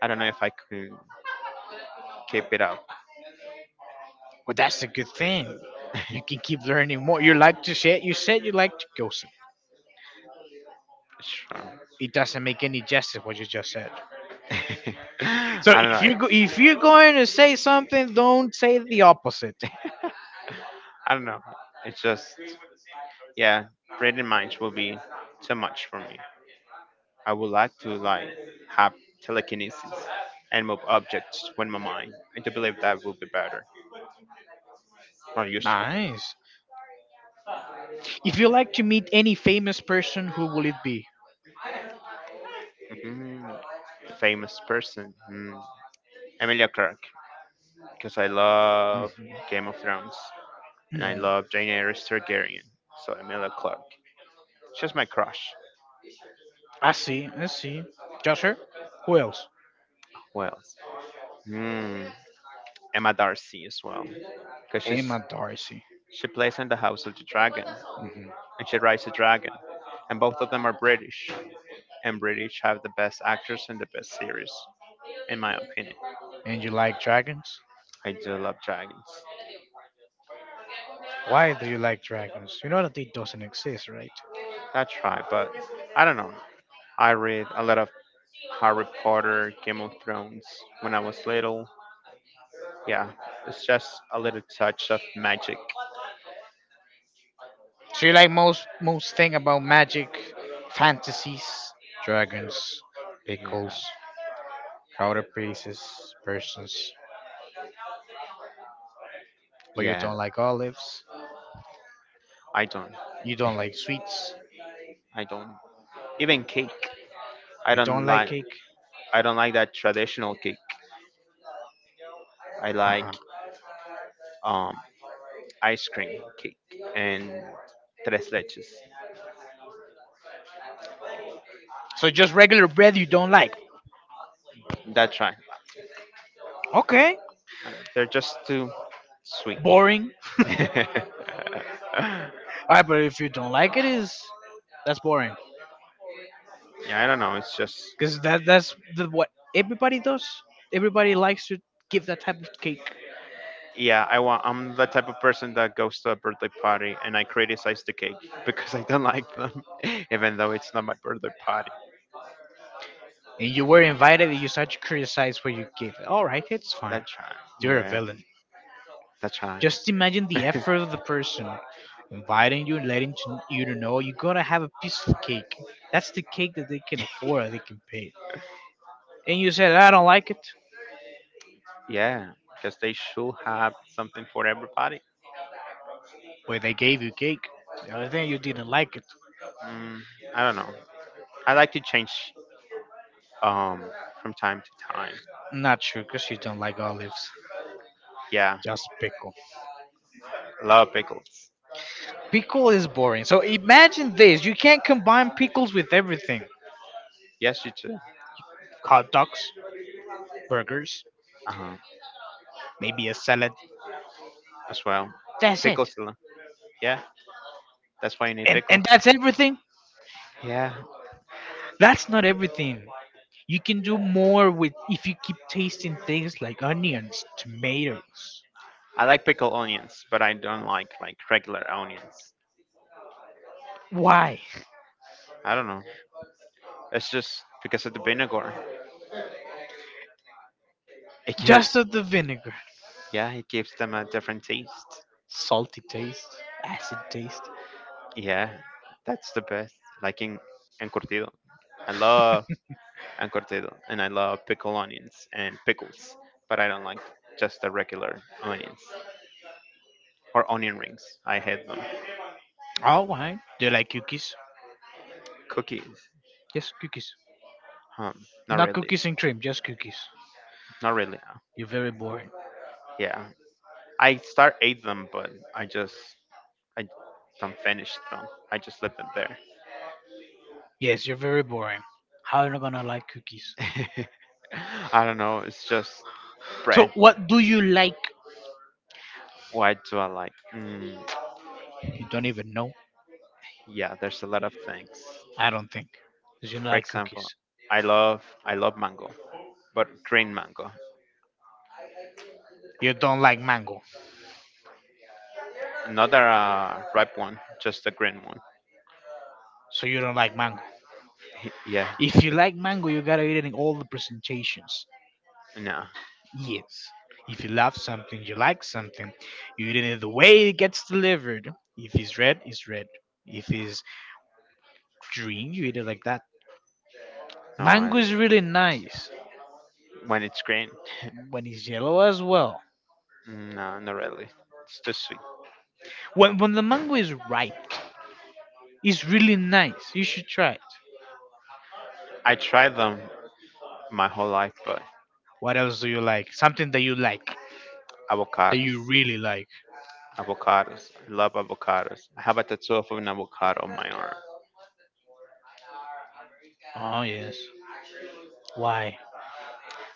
B: I don't know if I could keep it up.
A: Well, that's a good thing. You can keep learning more. You like to say you said you like to gossip.
B: Sure.
A: It doesn't make any justice what you just said. So
B: I don't
A: if you go,
B: know.
A: if you're going to say something, don't say the opposite.
B: I don't know. It's just yeah, reading minds will be too much for me. I would like to have telekinesis and move objects with my mind. I do believe that would be better, more useful.
A: Nice. If you like to meet any famous person, who will it be?
B: hmm Famous person, Emilia Clarke, because I love Game of Thrones and I
A: Mhm.
B: love Daenerys Targaryen. So Emilia Clarke, she's my crush.
A: I see. I see. Just her. Who else?
B: Who else? Mm. Emma Darcy as well, because
A: Emma Darcy.
B: she plays in the House of the Dragon
A: Hmm.
B: and she rides a dragon, and both of them are British. And British have the best actors and the best series, in my opinion.
A: And you like dragons?
B: I do love dragons.
A: Why do you like dragons? You know that they doesn't exist, right?
B: That's right, but I don't know. I read a lot of Harry Potter, Game of Thrones when I was little. Yeah, it's just a little touch of magic.
A: So you like most most thing about magic, fantasies. Dragons,
B: Yeah,
A: pickles, powder pieces, persons. But you
B: yeah.
A: don't like olives.
B: I don't.
A: You don't like sweets.
B: I don't. Even cake, I
A: You
B: don't
A: don't like
B: like.
A: cake.
B: I don't like that traditional cake. I
A: Uh huh.
B: like um ice cream cake and tres leches.
A: So just regular bread you don't like.
B: That's right.
A: Okay.
B: I mean, they're just too sweet.
A: Boring.
B: yeah,
A: All right, but if you don't like it, is that's boring.
B: I don't know. It's just
A: Cause that's the, what everybody does. Everybody likes to give that type of cake.
B: yeah. I want. I'm the type of person that goes to a birthday party and I criticize the cake because I don't like them, even though it's not my birthday party.
A: And you were invited and you start to criticize what you gave. All right, it's fine.
B: That's right.
A: You're a
B: Yeah,
A: villain.
B: that's right.
A: Just imagine the effort of the person inviting you and letting to, you to know you're gonna have a piece of cake. That's the cake that they can afford, that they can pay. And you said, I don't like it.
B: yeah, because they should have something for everybody.
A: Well, they gave you cake. The other thing, you didn't like it.
B: Mm, I don't know. I like to change um from time to time.
A: Not true, because you don't like olives.
B: Yeah,
A: Just pickle.
B: love pickles.
A: Pickle is boring. So imagine this you can't combine pickles with everything
B: Yes, you too.
A: hot dogs, burgers,
B: Uh-huh.
A: maybe a salad.
B: As well.
A: That's
B: Pickle,
A: it.
B: celery. Yeah, that's why you need
A: and
B: pickle.
A: and that's everything,
B: Yeah,
A: that's not everything, you can do more with if you keep tasting things like onions, tomatoes.
B: I like pickle onions, but I don't like regular onions.
A: Why?
B: I don't know. It's just because of the vinegar. It gives,
A: Just of the vinegar.
B: yeah, it gives them a different taste.
A: Salty taste, acid taste.
B: Yeah, that's the best. Like in encurtido, I love encurtido, and I love pickle onions and pickles, but I don't like just the regular onions or onion rings. I hate them.
A: Oh, why do you like cookies?
B: Cookies,
A: Yes, cookies.
B: um, not
A: Not
B: really,
A: cookies and cream, just cookies.
B: not really.
A: You're very boring.
B: Yeah, I start ate them, but I just I don't finish them. I just leave them there.
A: Yes, you're very boring. How are you gonna like cookies?
B: I don't know. It's just
A: So
B: bread.
A: what do you like?
B: Why do I like?
A: You don't even know.
B: Yeah, there's a lot of things.
A: I don't think 'cause you don't
B: For
A: like
B: example,
A: cookies.
B: I love mango, but green mango,
A: You don't like mango.
B: not a ripe one, just a green one.
A: So you don't like mango.
B: yeah,
A: If you like mango, you gotta eat it in all the presentations.
B: no,
A: Yes. If you love something, you like something, you eat it in the way it gets delivered. If it's red, it's red. If it's green, you eat it like that.
B: no.
A: Mango is really nice
B: When it's green,
A: when it's yellow as well.
B: no, not really. It's too sweet.
A: When the mango is ripe, it's really nice. You should try it.
B: I tried them my whole life, but
A: What else do you like? Something that you like, that you
B: avocados.
A: really like.
B: Avocados. Love avocados. I have a tattoo of an avocado on my arm.
A: Oh yes. Why?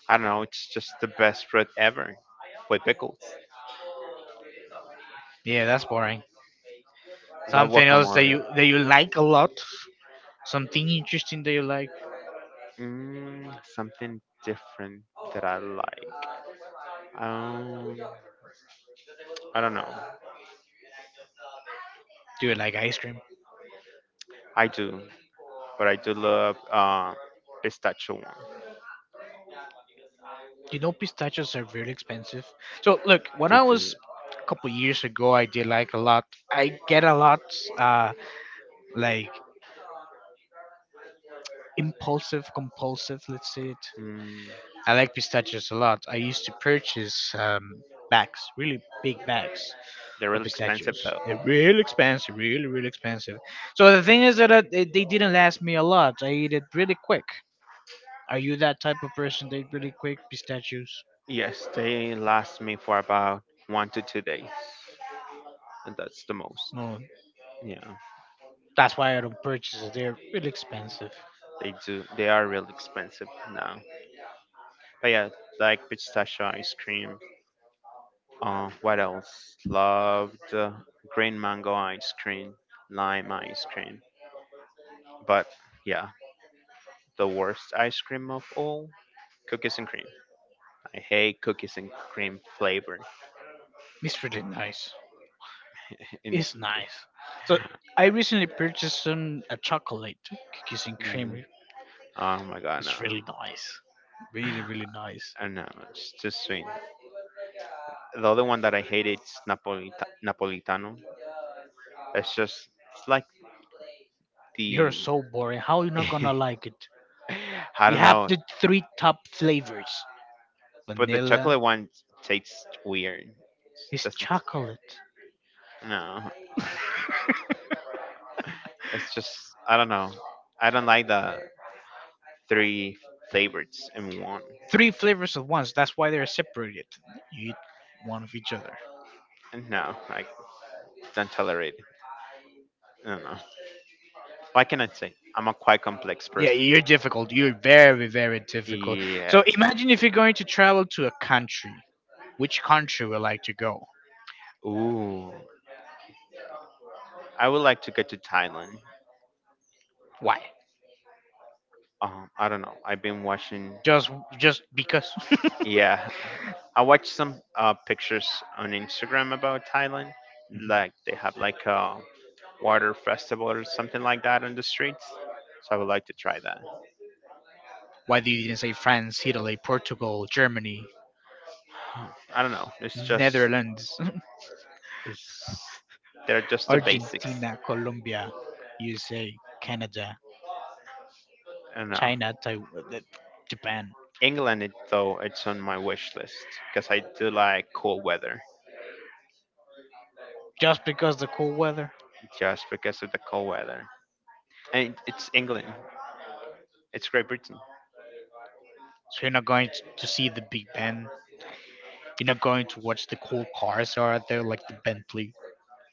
B: I don't know. It's just the best fruit ever with pickles.
A: Yeah, that's boring.
B: Love
A: Something else
B: guacamole.
A: that you like a lot. Something interesting that you like?
B: Mm, something different that I like. Um, I don't know.
A: Do you like ice cream?
B: I do, but I do love pistachio one.
A: You know, pistachios are very expensive. So, look, when I
B: They do.
A: was a couple years ago, I did like a lot. I get a lot, uh, like impulsive, compulsive, let's say it.
B: Mm,
A: I like pistachios a lot. I used to purchase bags, really big bags
B: They're
A: of
B: really expensive
A: pistachios.
B: though.
A: They're real expensive, really, really expensive. So the thing is that they didn't last me a lot. I eat it really quick. Are you that type of person that eat really quick pistachios?
B: Yes, they last me for about one to two days, and that's the most.
A: No.
B: Yeah,
A: That's why I don't purchase it. They're really expensive.
B: they do. They are really expensive now. But yeah, like pistachio ice cream. What else? Loved green mango ice cream, lime ice cream. But yeah, the worst ice cream of all, cookies and cream. I hate cookies and cream flavor.
A: It's really nice.
B: And
A: It's nice. So I recently purchased some a chocolate cookies and
B: mm,
A: cream.
B: oh my god, no,
A: It's really nice. Really, really nice.
B: I know it's too sweet. The other one that I hate is Napolitano. It's just it's like
A: You're
B: the
A: so boring. How are you not gonna like it?
B: I
A: You
B: don't
A: have
B: know,
A: the three top flavors.
B: but the
A: Vanilla
B: chocolate one tastes weird. It
A: is
B: doesn't
A: chocolate.
B: no. It's just I don't know. I don't like the three flavors in one.
A: Three flavors at once. That's why they're separated. You eat one of each other.
B: No, I don't tolerate it. No, no. What can I say? I'm a quite complex
A: Yeah,
B: person.
A: you're difficult. You're very, very difficult. So
B: Yeah.
A: imagine if you're going to travel to a country. Which country would like to go?
B: Ooh. I would like to go to Thailand.
A: Why?
B: I don't know. I've been watching.
A: Just, just because.
B: Yeah. I watched some pictures on Instagram about Thailand.
A: Mhm.
B: Like they have like a water festival or something like that on the streets. So I would like to try that.
A: Why do you didn't say France, Italy, Portugal, Germany,
B: I don't know.
A: Netherlands,
B: It's, they're just the basics.
A: Argentina, Colombia, USA, Canada,
B: I don't know.
A: China, Taiwan, Japan?
B: England, though, it's on my wish list because I do like cool weather.
A: Just because the cool weather.
B: Just because of the cold weather. And it's England. It's Great Britain.
A: So you're not going t- to see the Big Ben. You're not going to watch the cool cars that are out there, like the Bentley,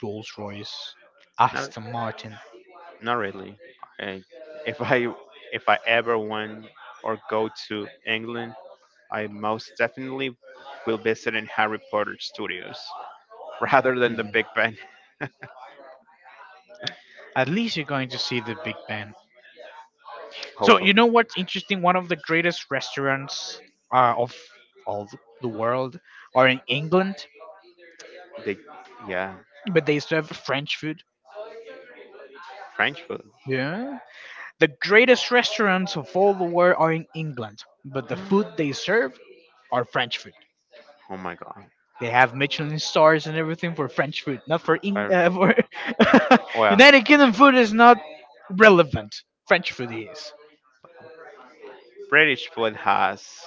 A: Rolls-Royce,
B: Not
A: Aston Martin.
B: not really. I, if I ever went or go to England, I most definitely will visit in Harry Potter Studios rather than the
A: Mhm.
B: Big Ben.
A: At least you're going to see the Big Ben. So
B: Hopefully,
A: you know what's interesting? One of the greatest restaurants of all the world are in England,
B: they yeah
A: but they serve French food.
B: French food.
A: Yeah. The greatest restaurants of all the world are in England, but the food they serve are French food.
B: Oh my god.
A: They have Michelin stars and everything for French food, not for
B: Or-
A: for
B: Well,
A: United Kingdom food is not relevant. French food is.
B: British food has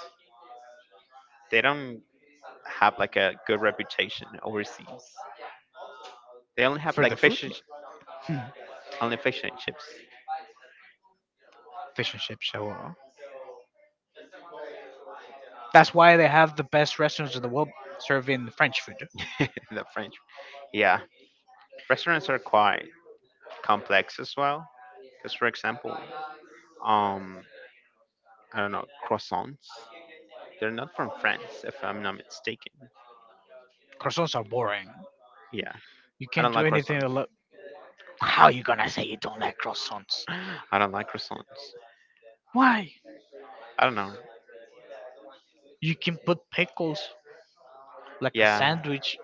B: they don't have like a good reputation overseas. They only have
A: For the
B: like
A: food. Yeah. Hmm.
B: only fish and chips.
A: Fish and chips. So that's why they have the best restaurants in the world serving French food.
B: the French. Yeah, restaurants are quite complex as well. Because for example, um, I don't know croissants. They're not from France, if I'm not mistaken.
A: Croissants are boring.
B: Yeah,
A: You
B: I
A: can't
B: don't
A: do
B: like
A: anything. To
B: croissants.
A: look. How you gonna say you don't like croissants?
B: I don't like croissants.
A: Why?
B: I don't know.
A: You can put pickles like a
B: Yeah,
A: sandwich.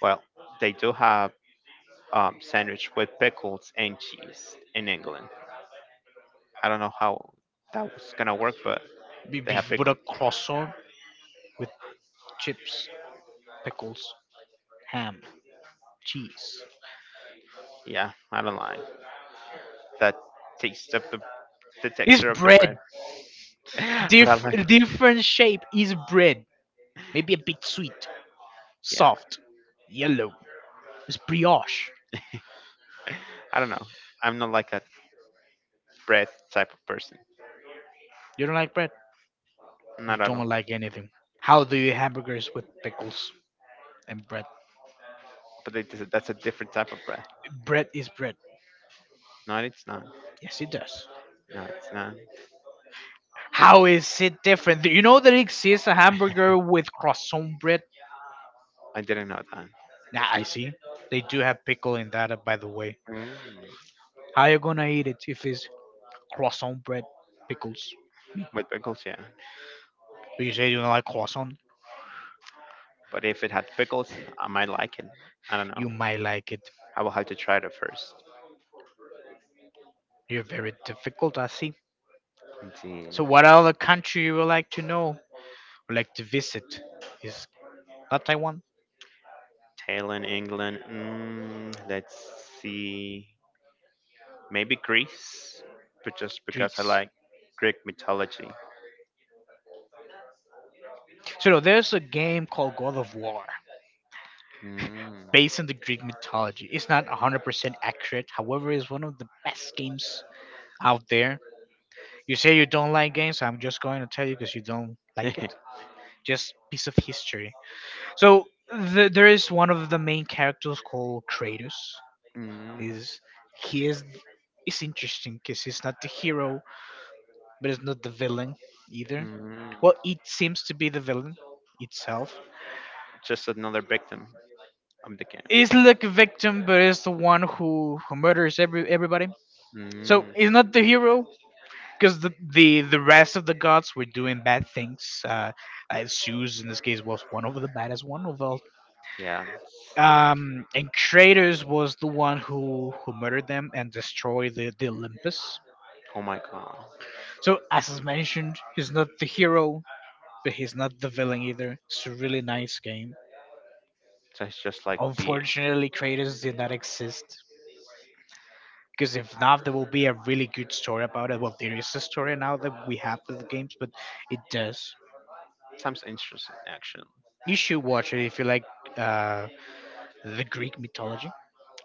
B: well, they do have sandwich with pickles and cheese in England. I don't know how that was gonna work, but
A: If
B: they
A: you
B: have
A: put
B: pickle.
A: a croissant with chips, pickles, ham, cheese.
B: Yeah, I don't like that taste of the
A: It's
B: texture of the bread.
A: bread.
B: but I like,
A: Different shape is bread. Maybe a bit sweet,
B: yeah,
A: soft, yellow. It's brioche.
B: I don't know. I'm not like a bread type of person.
A: You don't like bread? You
B: Not at all.
A: don't like anything. How do you eat hamburgers with pickles and bread?
B: But they, that's a different type of bread.
A: Bread is bread.
B: No, it's not.
A: Yes, it does.
B: No, it's not.
A: How is it different? Do you know that exists a hamburger with croissant bread?
B: I didn't know that.
A: Nah, I see. They do have pickle in that, by the way.
B: Mm.
A: How you gonna eat it if it's croissant bread, pickles?
B: With pickles, yeah.
A: Do you say you don't like croissant?
B: But if it had pickles, I might like it. I don't
A: You
B: know.
A: might like it.
B: I will have to try it first.
A: You're very difficult, I see.
B: Let's see.
A: So, what other country you would like to know, would like to visit? Is not Taiwan,
B: Thailand, England. Mm, let's see. Maybe Greece, but just because I
A: Greece.
B: like Greek mythology.
A: So no, there's a game called God of War
B: Mm.
A: based on the Greek mythology. It's not 100% accurate. However, it's one of the best games out there. You say you don't like games, I'm just going to tell you because you don't like it. Just piece of history. So there is one of the main characters called Kratos.
B: Mm.
A: He's he is it's interesting because he's not the hero, but it's not the villain either.
B: Mm.
A: Well, it seems to be the villain itself
B: Just another victim of the
A: is
B: game.
A: like a victim, but is the one who murders everybody. So
B: Mm.
A: he's not the hero because the rest of the gods were doing bad things. Zeus in this case was one of the baddest one of all.
B: Yeah.
A: And Kratos was the one who murdered them and destroyed the Olympus.
B: Oh my god.
A: So as is mentioned, he's not the hero, but he's not the villain either. It's a really nice game.
B: That's just like the
A: Unfortunately, Kratos did not exist because if not, there will be a really good story about it. Well, there is a story now that we have for the games, but it does.
B: times interesting action.
A: You should watch it if you like uh, the Greek mythology.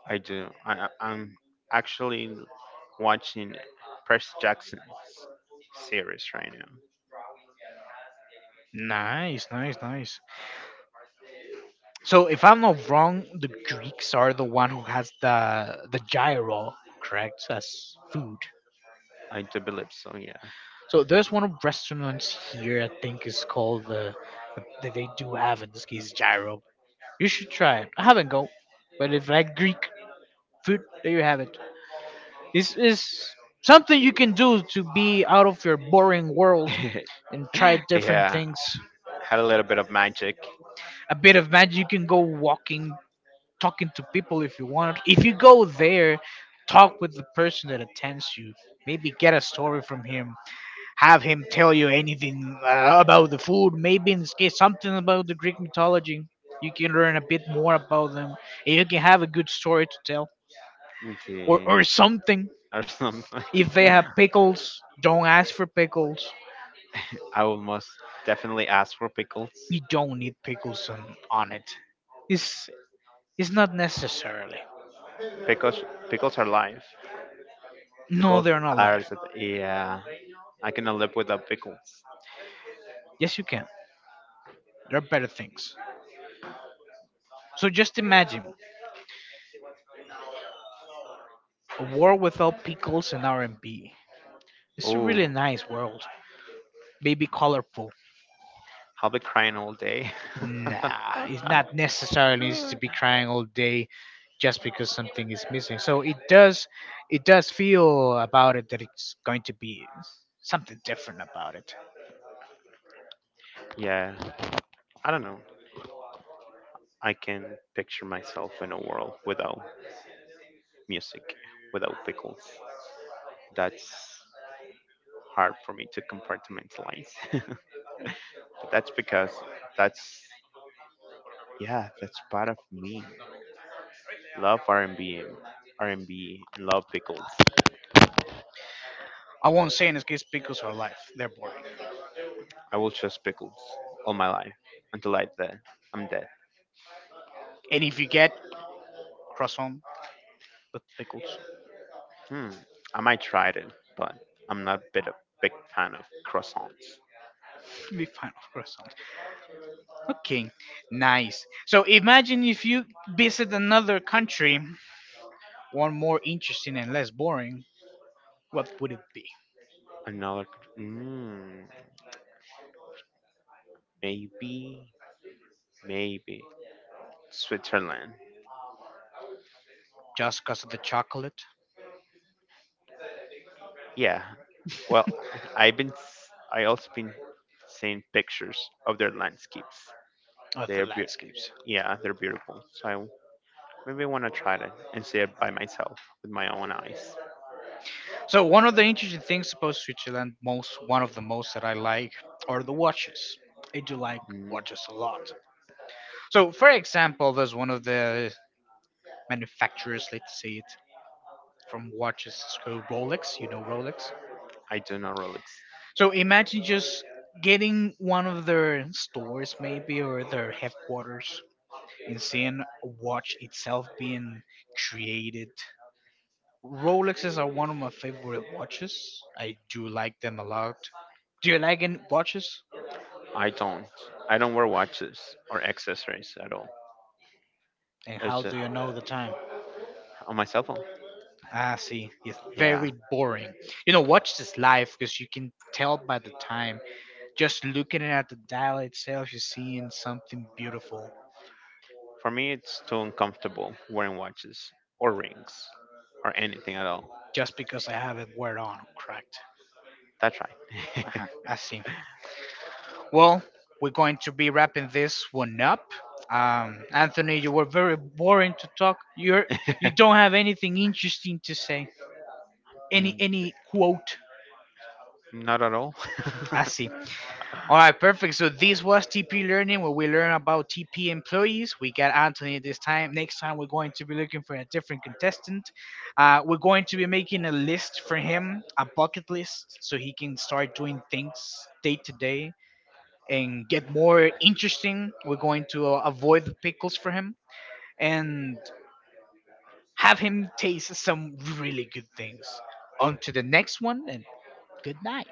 B: I do. I'm actually watching Percy Jackson's series right now.
A: Nice, nice, nice. So, if I'm not wrong, the Greeks are the one who has the gyro, correct, as food.
B: I do believe so. Yeah.
A: So there's one of restaurants here I think is called the that they do have in this case gyro. You should try it. I haven't go, but if you like Greek food, there you have it. This is something you can do to be out of your boring world and try different
B: yeah.
A: things.
B: Had a little bit of magic,
A: A bit of magic, you can go walking, talking to people if you want. If you go there, talk with the person that attends you. Maybe get a story from him. Have him tell you anything about the food. Maybe in this case, something about the Greek mythology. You can learn a bit more about them, and you can have a good story to tell,
B: okay,
A: or something.
B: or something.
A: If they have pickles, don't ask for pickles.
B: I will most definitely ask for pickles.
A: You don't need pickles on it. It's it's not necessarily.
B: Pickles, pickles are life.
A: No,
B: Pickles
A: they're not
B: are
A: life.
B: yeah. I cannot live without pickles.
A: Yes, you can. There are better things. So just imagine a world without pickles and R&B. It's a really
B: Oh,
A: nice world. Maybe colorful.
B: I'll be crying all day.
A: Nah, it's not necessarily needs to be crying all day just because something is missing. So it does feel about it that it's going to be something different about it.
B: yeah, I don't know. I can picture myself in a world without music, without pickles. That's hard for me to compartmentalize. but that's because that's yeah, that's part of me. Love R&B, R&B, and love pickles.
A: I won't say in this case pickles are life. They're boring.
B: I will choose pickles all my life until I'm dead.
A: And if you get croissant with pickles.
B: Hmm. I might try it, but I'm not a bit a big fan of croissants.
A: You'll be fine of croissant. Okay, nice. So imagine if you visit another country, one more interesting and less boring. What would it be?
B: Another. Mmm. Maybe. Maybe. Switzerland.
A: Just because of the chocolate
B: Yeah. Well, I also been seeing pictures of their landscapes.
A: or the
B: They're beautiful.
A: landscapes?
B: Yeah, they're beautiful. So I maybe I want to try it and see it by myself with my own eyes.
A: So one of the interesting things about Switzerland, most one of the most that I like, are the watches. I do like
B: Mm,
A: watches a lot. So for example, there's one of the manufacturers, let's say it, from watches is called Rolex. You know Rolex.
B: I do not relax.
A: So imagine just getting one of their stores, maybe, or their headquarters, and seeing a watch itself being created. Rolexes are one of my favorite watches. I do like them a lot. Do you like any watches?
B: I don't. I don't wear watches or accessories at all.
A: And
B: It's
A: how do
B: just
A: you know the time?
B: on my cell phone.
A: Ah, see, it's
B: Yeah.
A: very boring. You know, watch this live because you can tell by the time. Just looking at the dial itself, you're seeing something beautiful.
B: For me, it's too uncomfortable wearing watches or rings or anything at all.
A: Just because I have it wear on, correct?
B: That's right.
A: Uh-huh, I see. Well, we're going to be wrapping this one up. Anthony, you were very boring to talk. You don't have anything interesting to say. Any quote. I see. All right, perfect. So this was TP learning, where we learn about TP employees. We got Anthony this time. Next time, we're going to be looking for a different contestant. We're going to be making a list for him, a bucket list, so he can start doing things day to day and get more interesting. We're going to avoid the pickles for him and have him taste some really good things. On to the next one, and good night.